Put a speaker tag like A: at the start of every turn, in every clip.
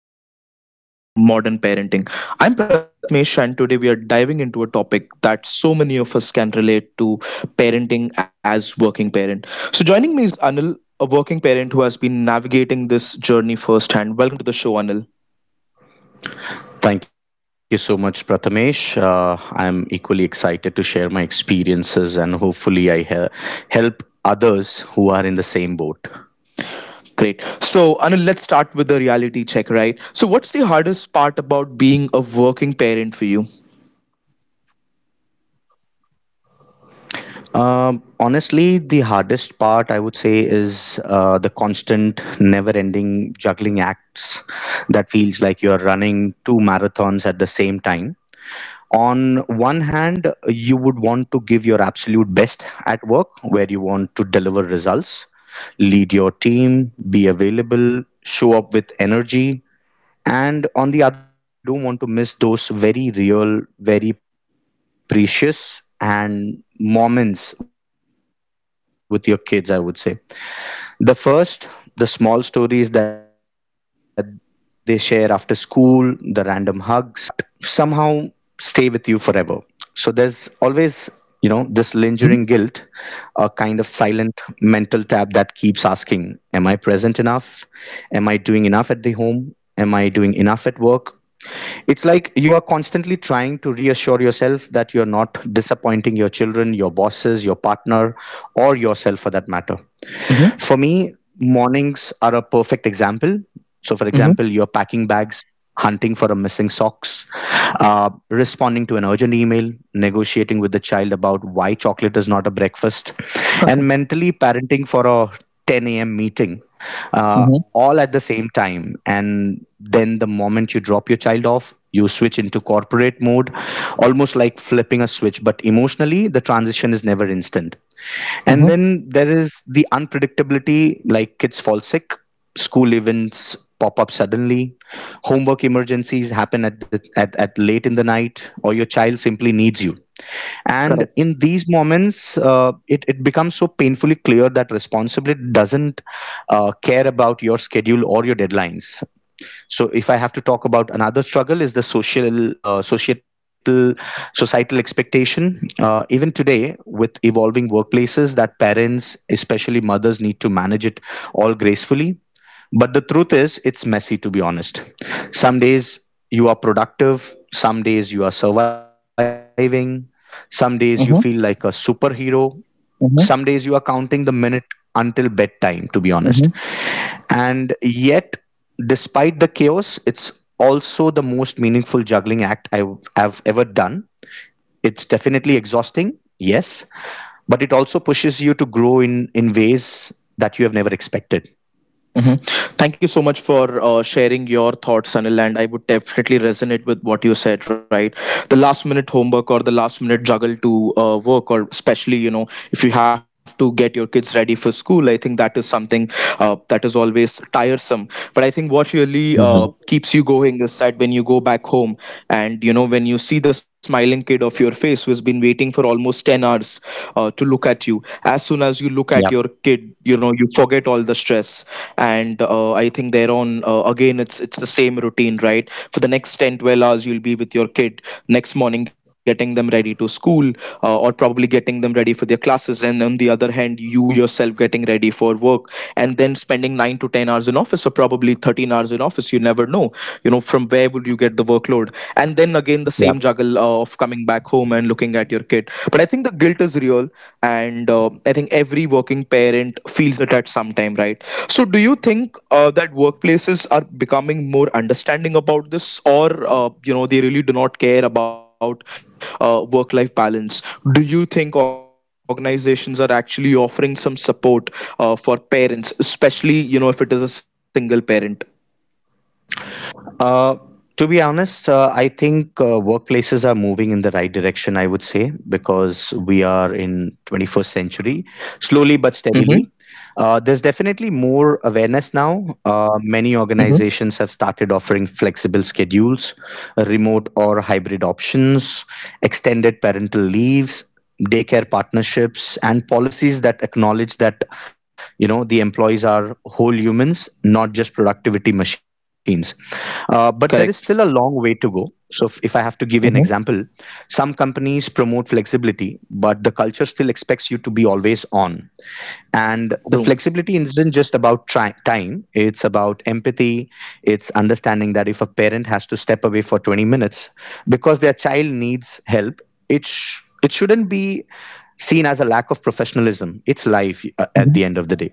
A: Challenges and joy of modern parenting. I'm Pratmesh, and today we are diving into a topic that so many of us can relate to, parenting as working parent. So, joining me is Anil, a working parent who has been navigating this journey firsthand. Welcome to the show, Anil.
B: Thank you so much, Prathamesh. I'm equally excited to share my experiences and hopefully help others who are in the same boat.
A: Great. So, Anil, let's start with the reality check, right? So, what's the hardest part about being a working parent for you?
B: Honestly, the hardest part I would say is the constant, never ending juggling acts that feels like you're running 2 marathons at the same time. On one hand, you would want to give your absolute best at work, where you want to deliver results, lead your team, be available, show up with energy, and on the other hand you don't want to miss those very real, very precious and moments with your kids. I would say the first, the small stories that they share after school, the random hugs, the bedtime conversation that only lasts a few minutes, but somehow stay with you forever. So there's always, you know, this lingering
A: Mm-hmm.
B: guilt, a kind of silent mental tap that keeps asking, am I present enough? Am I doing enough at the home? Am I doing enough at work? It's like you are constantly trying to reassure yourself that you're not disappointing your children, your bosses, your partner, or yourself for that matter.
A: Mm-hmm.
B: For me, mornings are a perfect example. So, for
A: Mm-hmm.
B: example, you're packing bags, hunting for a missing socks, responding to an urgent email, negotiating with the child about why chocolate is not a breakfast, and mentally parenting for a 10 a.m. meeting. Uh, all at the same time, and then the moment you drop your child off, you switch into corporate mode, almost like flipping a switch, but emotionally the transition is never instant.
A: Mm-hmm.
B: And then there is the unpredictability, like kids fall sick, school events pop up suddenly, homework emergencies happen at late in the night, or your child simply needs you. And
A: Correct.
B: in these moments, it becomes so painfully clear that responsibility doesn't care about your schedule or your deadlines. So if I have to talk about another struggle, is the social, societal expectation, even today with evolving workplaces, that parents, especially mothers, need to manage it all gracefully. But the truth is, it's messy, to be honest. Some days you are productive, some days you are surviving, some days you feel like a
A: Mm-hmm.
B: superhero, some days you are counting the minute until bedtime, to be honest.
A: Mm-hmm.
B: And yet, despite the chaos, it's also the most meaningful juggling act I have ever done. It's definitely exhausting, yes, but it also pushes you to grow in ways that you have never expected.
A: Mhm. Thank you so much for sharing your thoughts, Anil. And I would definitely resonate with what you said, right? The last minute homework or the last minute juggle to work, or especially, you know, if you have to get your kids ready for school, I think that is something that is always tiresome. But I think what really
B: Mhm.
A: keeps you going is that when you go back home, and you know, when you see the smiling kid of your face who's been waiting for almost 10 hours to look at you. As soon as you look
B: Yep.
A: at your kid, you know, you forget all the stress. And I think thereon, again, it's the same routine, right? For the next 10 12 hours you'll be with your kid, next morning getting them ready to school, or probably getting them ready for their classes. And on the other hand, you yourself getting ready for work, and then spending 9 to 10 hours in office, or probably 13 hours in office. You never know, no, you know, from where would you get the workload. And then again the
B: Yep.
A: same juggle of coming home and looking at your kid. But I think the guilt is real, and I think every working parent feels it at some time, right? So, do you think that workplaces are becoming more understanding about this, or you know, they really do not care about work life balance? Do you think organizations are actually offering some support for parents, especially, you know, if it is a single parent?
B: Uh, to be honest, I think workplaces are moving in the right direction, I would say, because we are
A: Mm-hmm.
B: in 21st century, slowly but steadily. There's definitely
A: Mm-hmm.
B: more awareness now. Many organizations have started offering flexible schedules, remote or hybrid
A: Correct.
B: options, extended parental leaves, daycare partnerships, and policies that acknowledge that, you know, the employees are whole humans, not just productivity machines.
A: Correct.
B: But there is still a long way to go. So, if I have to give you an example, some companies promote flexibility, but the culture still expects you to be always on,
A: True.
B: and the flexibility isn't just about time, it's about empathy. It's understanding that if a parent has to step away for 20 minutes because their child needs help, it shouldn't be seen as a lack of professionalism. It's life,
A: Mhm.
B: at the end of the day.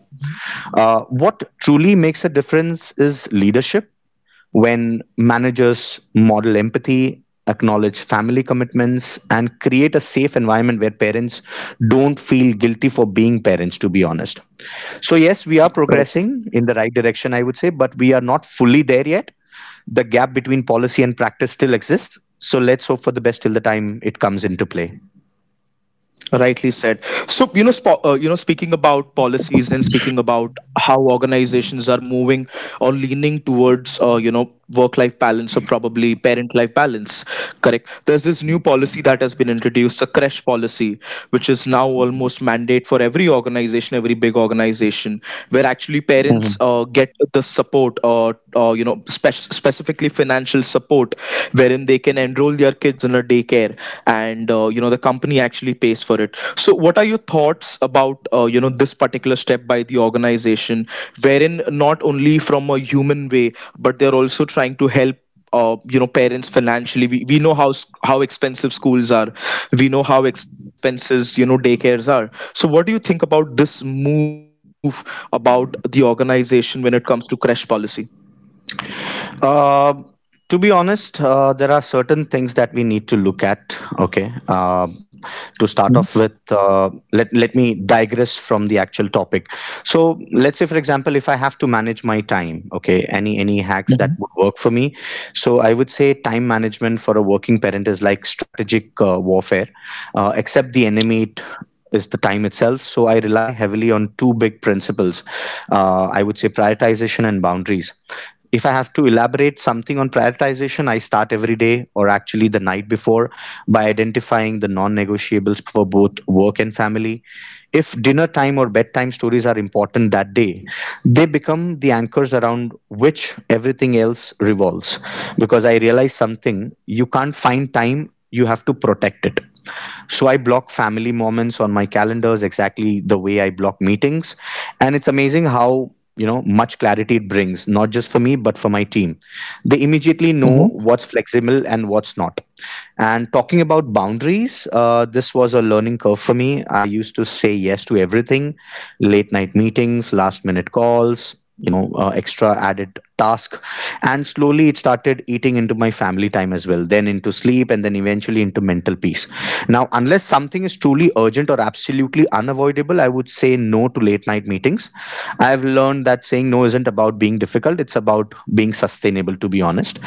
B: Uh, what truly makes a difference is leadership. When managers model empathy, acknowledge family commitments, and create a safe environment where parents don't feel guilty for being parents, to be honest. So, yes, we are
A: Correct.
B: progressing in the right direction, I would say, but we are not fully there yet. The gap between policy and practice still exists. So, let's hope for the best till the time it comes into play.
A: Rightly said. So, you know, you know, speaking about policies and speaking about how organizations are moving or leaning towards, you know, work-life balance or probably parent-life balance. Correct. There's this new policy that has been introduced, the crash policy, which is now almost mandate for every organization, every big organization, where actually parents
B: Mhm.
A: get the support, or you know, specifically financial support, wherein then they can enroll their kids in a daycare. And you know, the company actually pays for it. So, what are your thoughts about you know, this particular step by the organization, wherein not only from a human way, but they're also trying to help you know, parents financially. We know how how expensive schools are. We know how expenses, you know, daycares are. So, what do you think about this move, about the organization when it comes to crash policy?
B: Uh, to be honest, there are certain things that we need to look at. Okay, to start off with, let me digress from the actual topic. So let's say, for example, if I have to manage my time, okay, any hacks that would work for me. So I would say time management for a working parent is like strategic warfare, except the enemy. It is the time itself. So I rely heavily on 2 big principles. I would say prioritization and boundaries. If I have to elaborate something on prioritization, I start every day, or actually the night before, by identifying the non negotiables for both work and family. If dinner time or bedtime stories are important that day, they become the anchors around which everything else revolves. Because I realize something, you can't find time, you have to protect it. So I block family moments on my calendars exactly the way I block meetings. And it's amazing how, you know, much clarity it brings, not just for me but for my team. They immediately know what's flexible and what's not. And talking about boundaries, this was a learning curve for me. I used to say yes to everything: late night meetings, last minute calls, you know, extra added task. And slowly it started eating into my family time as well, then into sleep, and then eventually into mental peace. Now, unless something is truly urgent or absolutely unavoidable, I would say no to late night meetings. I've learned that saying no isn't about being difficult, it's about being sustainable, to be honest.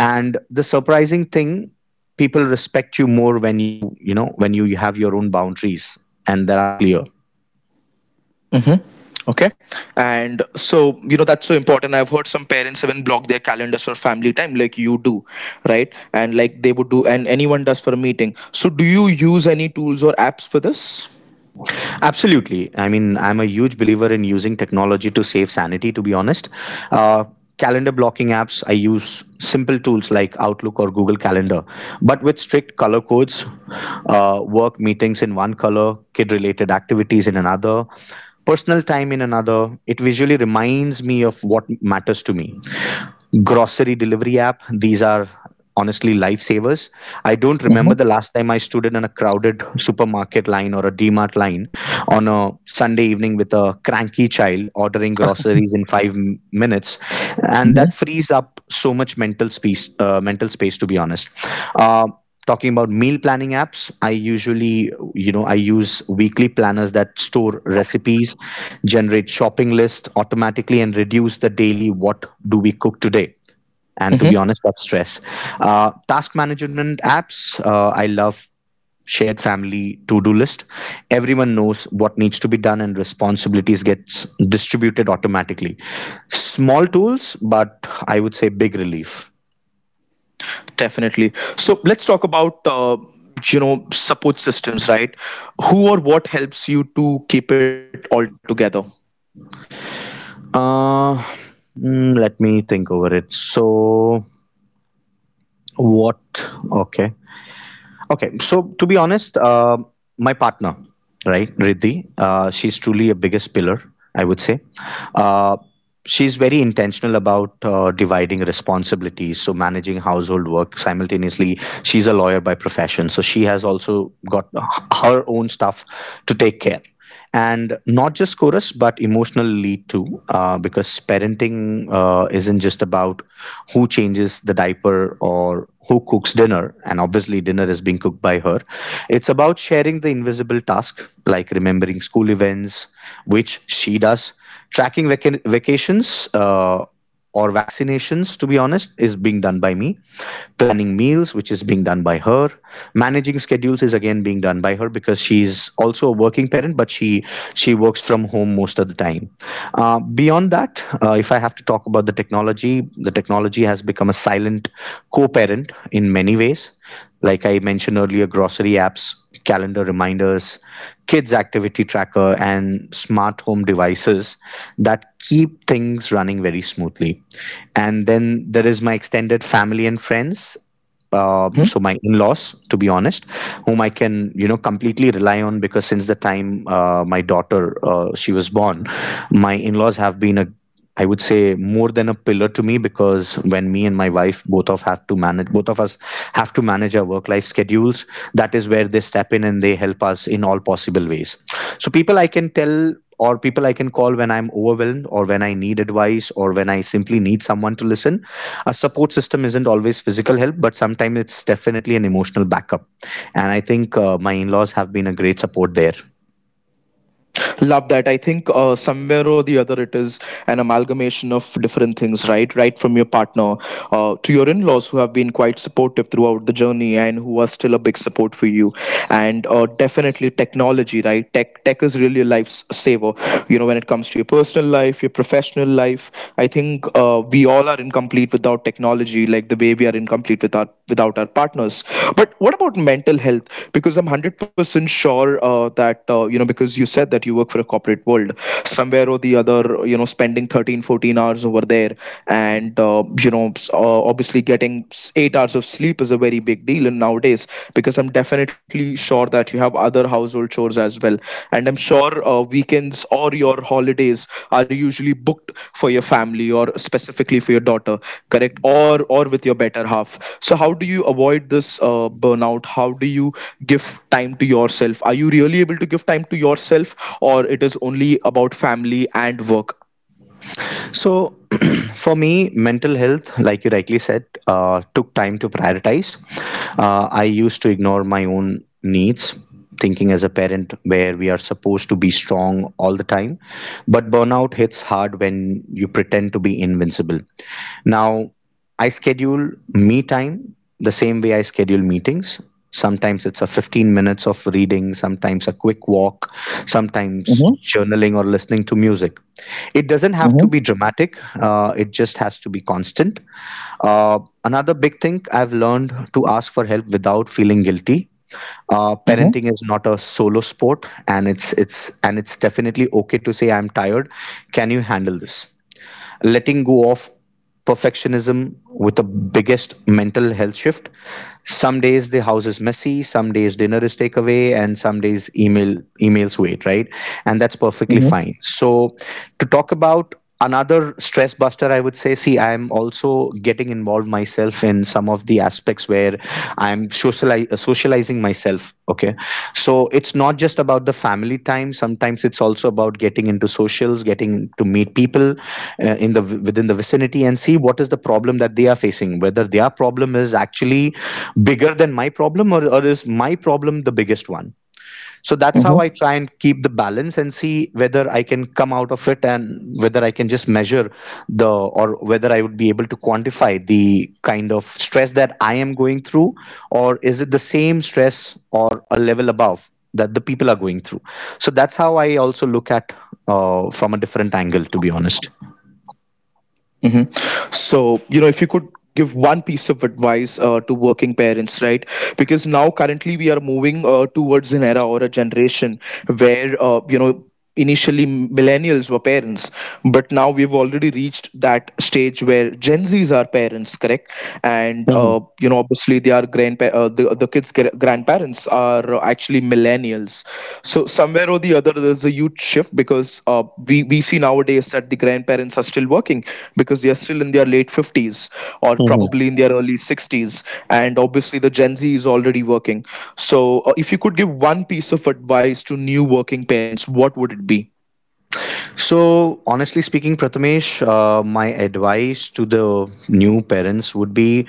B: And the surprising thing, people respect you more when you know, when you have your own boundaries, and that are clear.
A: Hmm. Okay. And so, you know, that's so important. I've heard some parents even block their calendars for family time, like you do, right? And like they would do, and anyone does for a meeting. So, do you use any tools or apps for this?
B: Absolutely, I mean, I'm a huge believer in using technology to save sanity, to be honest. uh, Calendar blocking apps, I use simple tools like Outlook or Google Calendar, but with strict color codes. Work meetings in one color, kid related activities in another, personal time in another. It visually reminds me of what matters to me. Grocery delivery app, these are honestly lifesavers. I don't remember the
A: Hmm.
B: last time I stood in a crowded supermarket line or a Dmart line on a Sunday evening with a cranky child, ordering groceries in 5 minutes. And that
A: Hmm.
B: frees up so much mental space, mental space, to be honest. Um, talking about meal planning apps, I usually, you know, I use weekly planners that store recipes, generate shopping list automatically, and reduce the daily what do we cook today, and to be
A: Hmm.
B: honest, that's stress. Task management apps, I love shared family to-do list. Everyone knows what needs to be done and responsibilities gets distributed automatically. Small tools, but I would say big relief.
A: Definitely. So, let's talk about, you know, support systems, right? Who or what helps you to keep it all together?
B: Uh, let me think over it. So, what? Okay. Okay. So, to be honest, my partner, right, Riddhi, she's truly a biggest pillar, I would say. Uh, she's very intentional about dividing responsibilities, so managing household work simultaneously. She's a lawyer by profession, so she has also got her own stuff to take care, and not just chorus but emotional lead too, because parenting isn't just about who changes the diaper or who cooks dinner, and obviously dinner is being cooked by her. It's about sharing the invisible task, like remembering school events, which she does, tracking vacations, or vaccinations, to be honest, is being done by me, planning meals, which is being done by her, managing schedules, is again being done by her, because she's also a working parent, but she works from home most of the time. Beyond that, if I have to talk about the technology, the technology has become a silent co-parent in many ways. Like I mentioned earlier, grocery apps, calendar reminders, kids' activity tracker, and smart home devices that keep things running very smoothly. And then there is my extended family and friends. So my in-laws, to be honest, whom I can, you know, completely rely on, because since the time my daughter she was born, my in-laws have been a, I would say, more than a pillar to me, because when me and my wife both of us have to manage our work life schedules, that is where they step in and they help us in all possible ways. So people I can tell, or people I can call when I'm overwhelmed, or when I need advice, or when I simply need someone to listen. A support system isn't always physical help, but sometimes it's definitely an emotional backup. And I think my in-laws have been a great support there.
A: Love that. I think somewhere or the other, it is an amalgamation of different things, right? Right from your partner to your in laws who have been quite supportive throughout the journey and who are still a big support for you. And definitely technology, right? Tech is really a lifesaver, you know, when it comes to your personal life, your professional life. I think we all are incomplete without technology, like the way we are incomplete without our partners. But what about mental health? Because I'm 100% sure that, you know, because you said that you work for a corporate world, somewhere or the other, you know, spending 13, 14 hours over there, and, you know, obviously getting 8 hours of sleep is a very big deal in nowadays. Because I'm definitely sure that you have other household chores as well. And I'm sure weekends or your holidays are usually booked for your family, or specifically for your daughter, correct? Or with your better half. So, how do you avoid this burnout? How do you give time to yourself? Are you really able to give time to yourself, or it is only about family and work?
B: So, for me, mental health, like you rightly said, took time to prioritize. I used to ignore my own needs, thinking as a parent where we are supposed to be strong all the time. But burnout hits hard when you pretend to be invincible. Now, I schedule me time the same way I schedule meetings. Sometimes it's a 15 minutes of reading, sometimes a quick walk, sometimes journaling or listening to music. It doesn't have to be dramatic, it just has to be constant. uh, Another big thing I've learned to ask for help without feeling guilty.
A: Hmm.
B: Parenting is not a solo sport. And it's definitely okay to say I'm tired. Can you handle this? Letting go of perfectionism with the biggest mental health shift. Some days the house is messy, some days dinner is takeaway, and some days emails wait, right? And that's perfectly
A: Hmm.
B: fine, so to talk about another stress buster, I would say, see, I am also getting involved myself in some of the aspects where I'm socializing myself. Okay, so it's not just about the family time, sometimes it's also about getting into socials, getting to meet people, in the within the vicinity, and see what is the problem that they are facing, whether their problem is actually bigger than my problem, or is my problem the biggest one. So that's how I try and keep the balance and see whether I can come out of it, and whether I can just measure the or whether I would be able to quantify the kind of stress that I am going through, or is it the same stress or a level above that the people are going through. So that's how I also look at, from a different angle, to be honest.
A: Hmm. So, you know, if you could give one piece of advice to working parents, right? Because now currently we are moving towards an era or a generation where, you know, initially millennials were parents, but now we've already reached that stage where gen z's are parents, correct. And
B: Mhm.
A: you know, obviously they are the kids' grandparents are actually millennials. So somewhere or the other, there's a huge shift because we see nowadays that the grandparents are still working because they are still in their late 50s or
B: Mhm.
A: probably in their early 60s, and obviously the Gen Z is already working. So if you could give one piece of advice to new working parents, what would it be?
B: So, honestly speaking, Prathamesh, my advice to the new parents would be,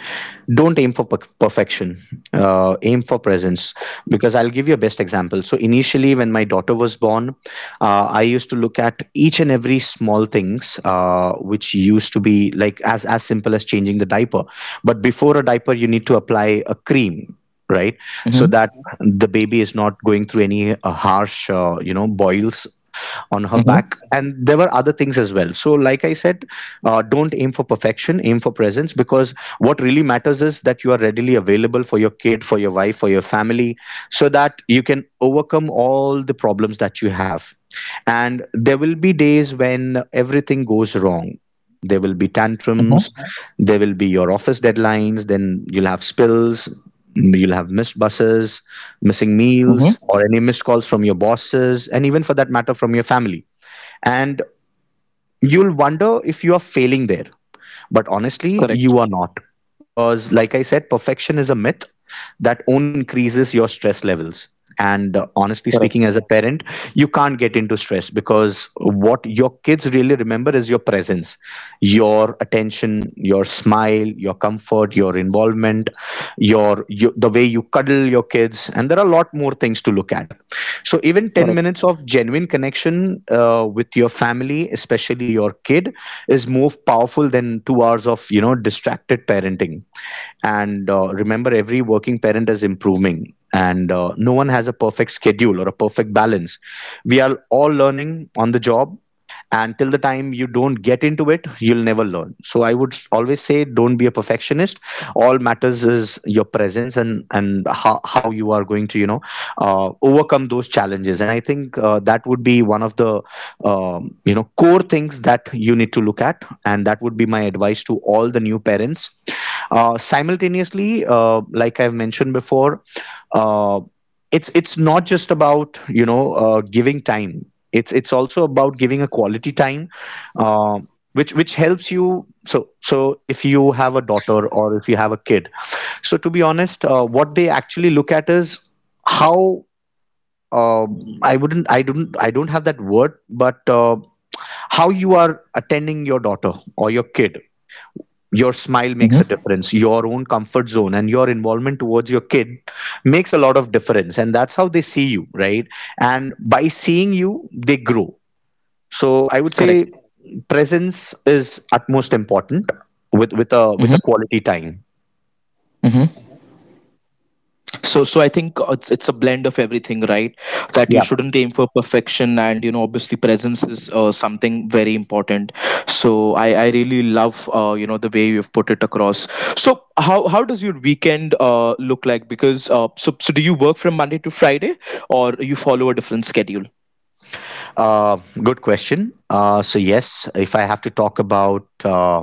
B: don't aim for perfection, aim for presence. Because I'll give you a best example. So, initially, when my daughter was born, I used to look at each and every small things, which used to be like as simple as changing the diaper. But before a diaper, you need to apply a cream. Right,
A: Mm-hmm.
B: so that the baby is not going through any harsh, boils on her
A: Mm-hmm.
B: back, and there were other things as well. So like I said, don't aim for perfection, aim for presence, because what really matters is that you are readily available for your kid, for your wife, for your family, so that you can overcome all the problems that you have. And there will be days when everything goes wrong. There will be tantrums,
A: Mm-hmm.
B: there will be your office deadlines, then you'll have spills, you'll have missed buses, missing
A: Mm-hmm.
B: meals, or any missed calls from your bosses, and even for that matter from your family. And you'll wonder if you are failing there, but honestly,
A: Correct.
B: you are not. Because, like I said, perfection is a myth that only increases your stress levels. And honestly speaking, as
A: Correct.
B: a parent, you can't get into stress, because what your kids really remember is your presence, your attention, your smile, your comfort, your involvement, your the way you cuddle your kids, and there are a lot more things to look at. So even ten
A: Correct.
B: minutes of genuine connection with your family, especially your kid, is more powerful than 2 hours of distracted parenting. And remember, every working parent is improving, and no one has a perfect schedule or a perfect balance. We are all learning on the job, and till the time you don't get into it, you'll never learn. So I would always say, don't be a perfectionist. All matters is your presence, and how you are going to overcome those challenges. And I think that would be one of the core things that you need to look at, and that would be my advice to all the new parents. Simultaneously, like I've mentioned before, uh, it's not just about giving time. It's also about giving a quality time, uh, which helps you. So if you have a daughter or if you have a kid, so to be honest, what they actually look at is how. I wouldn't. I don't. I don't have that word, but how you are attending your daughter or your kid, your
A: Mm-hmm.
B: smile makes a difference, your own comfort zone and your involvement towards your kid makes a lot of difference, and that's how they see you, right? And by seeing you, they grow. So I would
A: Correct.
B: say presence is utmost important, with with a
A: Mm-hmm.
B: with a quality time.
A: So I think it's a blend of everything, right? That you
B: Yeah.
A: shouldn't aim for perfection, and you know, obviously presence is something very important. So, I really love you know, the way you've put it across. So, how does your weekend look like? Because so do you work from Monday to Friday, or you follow a different schedule?
B: uh, Good question. So yes, if I have to talk about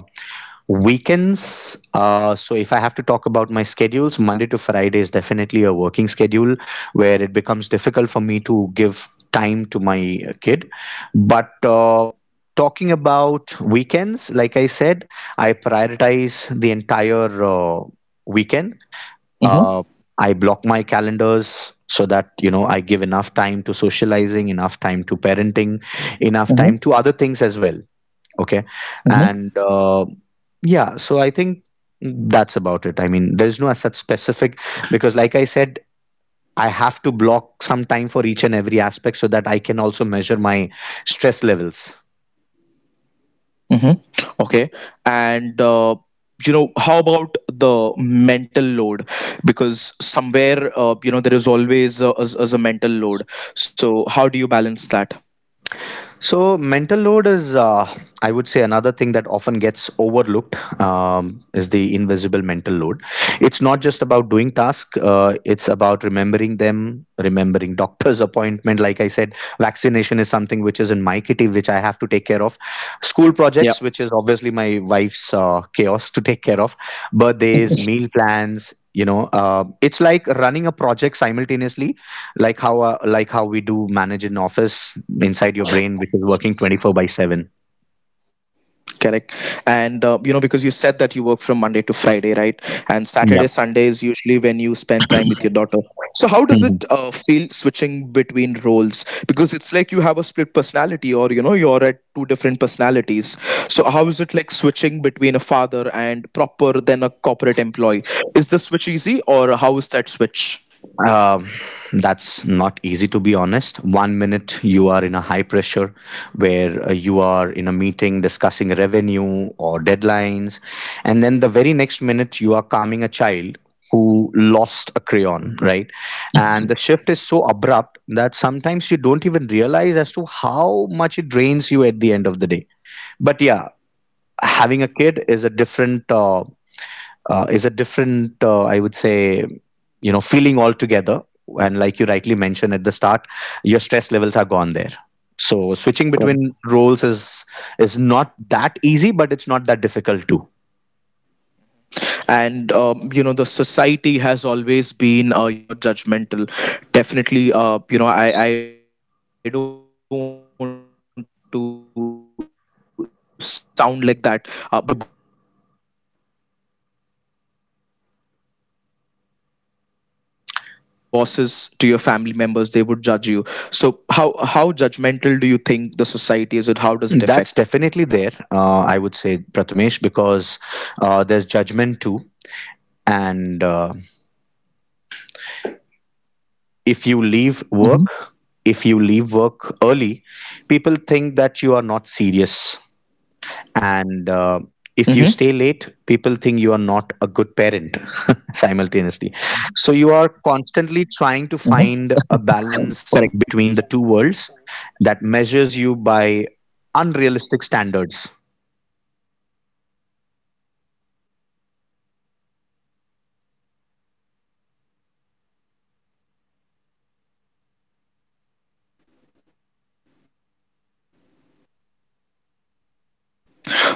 B: weekends, so if I have to talk about my schedules, Monday to Friday is definitely a working schedule, where it becomes difficult for me to give time to my kid. But talking about weekends, like I said, I prioritize the entire weekend. Uh, I block my calendars so that I give enough time to socializing, enough time to parenting, enough time to other things as well. Okay. And yeah, so I think that's about it. I mean, there's no such specific, because like I said, I have to block some time for each and every aspect so that I can also measure my stress levels.
A: Hmm. Okay. And you know, how about the mental load? Because somewhere, you know, there is always as a mental load. So how do you balance that?
B: So, mental load is, I would say, another thing that often gets overlooked, is the invisible mental load. It's not just about doing tasks, it's about remembering them, remembering doctor's appointment. Like I said, vaccination is something which is in my kitty, which I have to take care of. School projects, which is obviously my wife's chaos to take care of. Birthdays, meal plans. You know, it's like running a project simultaneously, like how we do manage an office inside your brain, which is working 24 by 7.
A: Correct. And you know, because you said that you work from Monday to Friday, right? And Saturday,
B: Yep.
A: Sunday is usually when you spend time with your daughter. So how does it
B: Mhm.
A: feel switching between roles? Because it's like you have a split personality, or you know, you're at two different personalities. So how is it like switching between a father and proper then a corporate employee? Is the switch easy, or how is that switch?
B: um, that's not easy, to be honest. One minute you are in a high pressure where you are in a meeting discussing revenue or deadlines, and then the very next minute you are calming a child who lost a crayon, right? And the shift is so abrupt that sometimes you don't even realize as to how much it drains you at the end of the day. But yeah, having a kid is a different I would say, you know, feeling altogether. And like you rightly mentioned at the start, your stress levels are gone there. So switching between roles is not that easy, but it's not that difficult too.
A: And you know, the society has always been you know, judgmental. Definitely, you know, I don't want to sound like that, but we know society is known for judging you, right? So right from your bosses to your family members, they would judge you. So how judgmental do you think the society is, and how does it
B: That's
A: affect?
B: definitely there. I would say, Prathamesh, because there's judgment too. And if you leave work
A: Mhm.
B: if you leave work early, people think that you are not serious.
A: Hmm.
B: And if you stay late, people think you are not a good parent simultaneously. So you are constantly trying
A: Correct.
B: to find a balance between the two worlds that measures you by unrealistic standards.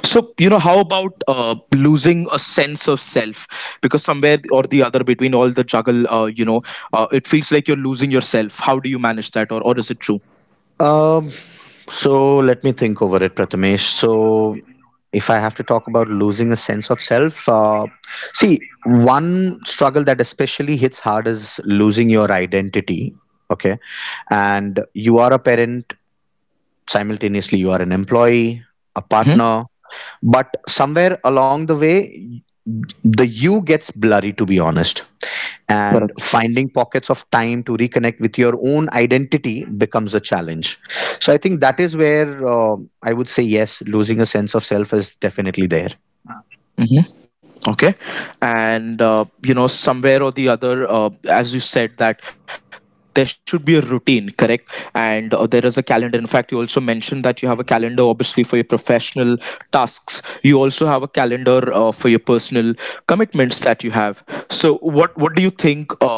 A: So, you know, how about losing a sense of self? Because somewhere or the other between all the juggle, you know, it feels like you're losing yourself. How do you manage that, or is it true?
B: So let me think over it, Prathamesh. So if I have to talk about losing a sense of self, see, one struggle that especially hits hard is losing your identity. Okay. And you are a parent, simultaneously, you are an employee, a partner,
A: Mhm.
B: but somewhere along the way, the you gets blurry, to be honest. And finding pockets of time to reconnect with your own identity becomes a challenge. So I think that is where I would say yes, losing a sense of self is definitely there.
A: Hmm. Okay. And, you know, somewhere or the other, as you said, that there should be a routine, correct? And there is a calendar. In fact, you also mentioned that you have a calendar, obviously, for your professional tasks. You also have a calendar for your personal commitments that you have. So, what do you think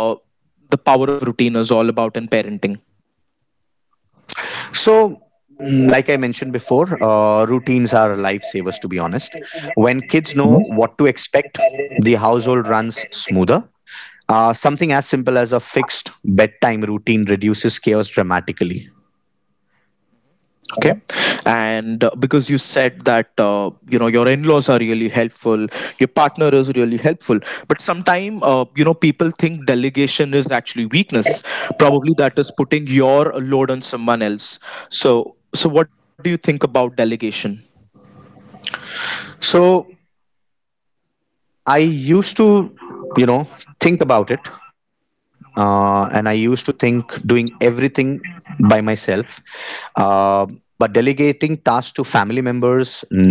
A: the power of routine is all about in parenting?
B: So, like I mentioned before, routines are lifesavers, to be honest. When kids know what to expect, the household runs smoother. Something as simple as a fixed bedtime routine reduces chaos dramatically.
A: Okay. And because you said that you know, your in-laws are really helpful, your partner is really helpful, but sometimes you know, people think delegation is actually weakness, probably that is putting your load on someone else. So what do you think about delegation?
B: So, I used to, you know, think about it. And I used to think doing everything by myself. Uh, but delegating tasks to family members, nannies,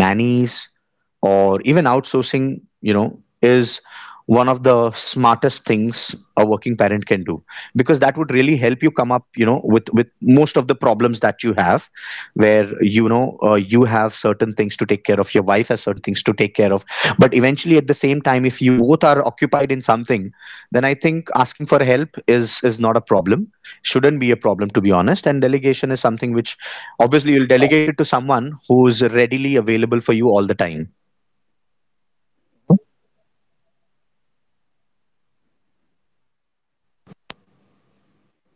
B: or even outsourcing, is one of the smartest things a working parent can do, because that would really help you come up with most of the problems that you have, where you have certain things to take care of, your wife has certain things to take care of. But eventually at the same time, if you both are occupied in something, then I think asking for help is not a problem, shouldn't be a problem, to be honest. And delegation is something which obviously you'll delegate it to someone who's readily available for you all the time.
A: Mm-hmm. Okay. And how about you know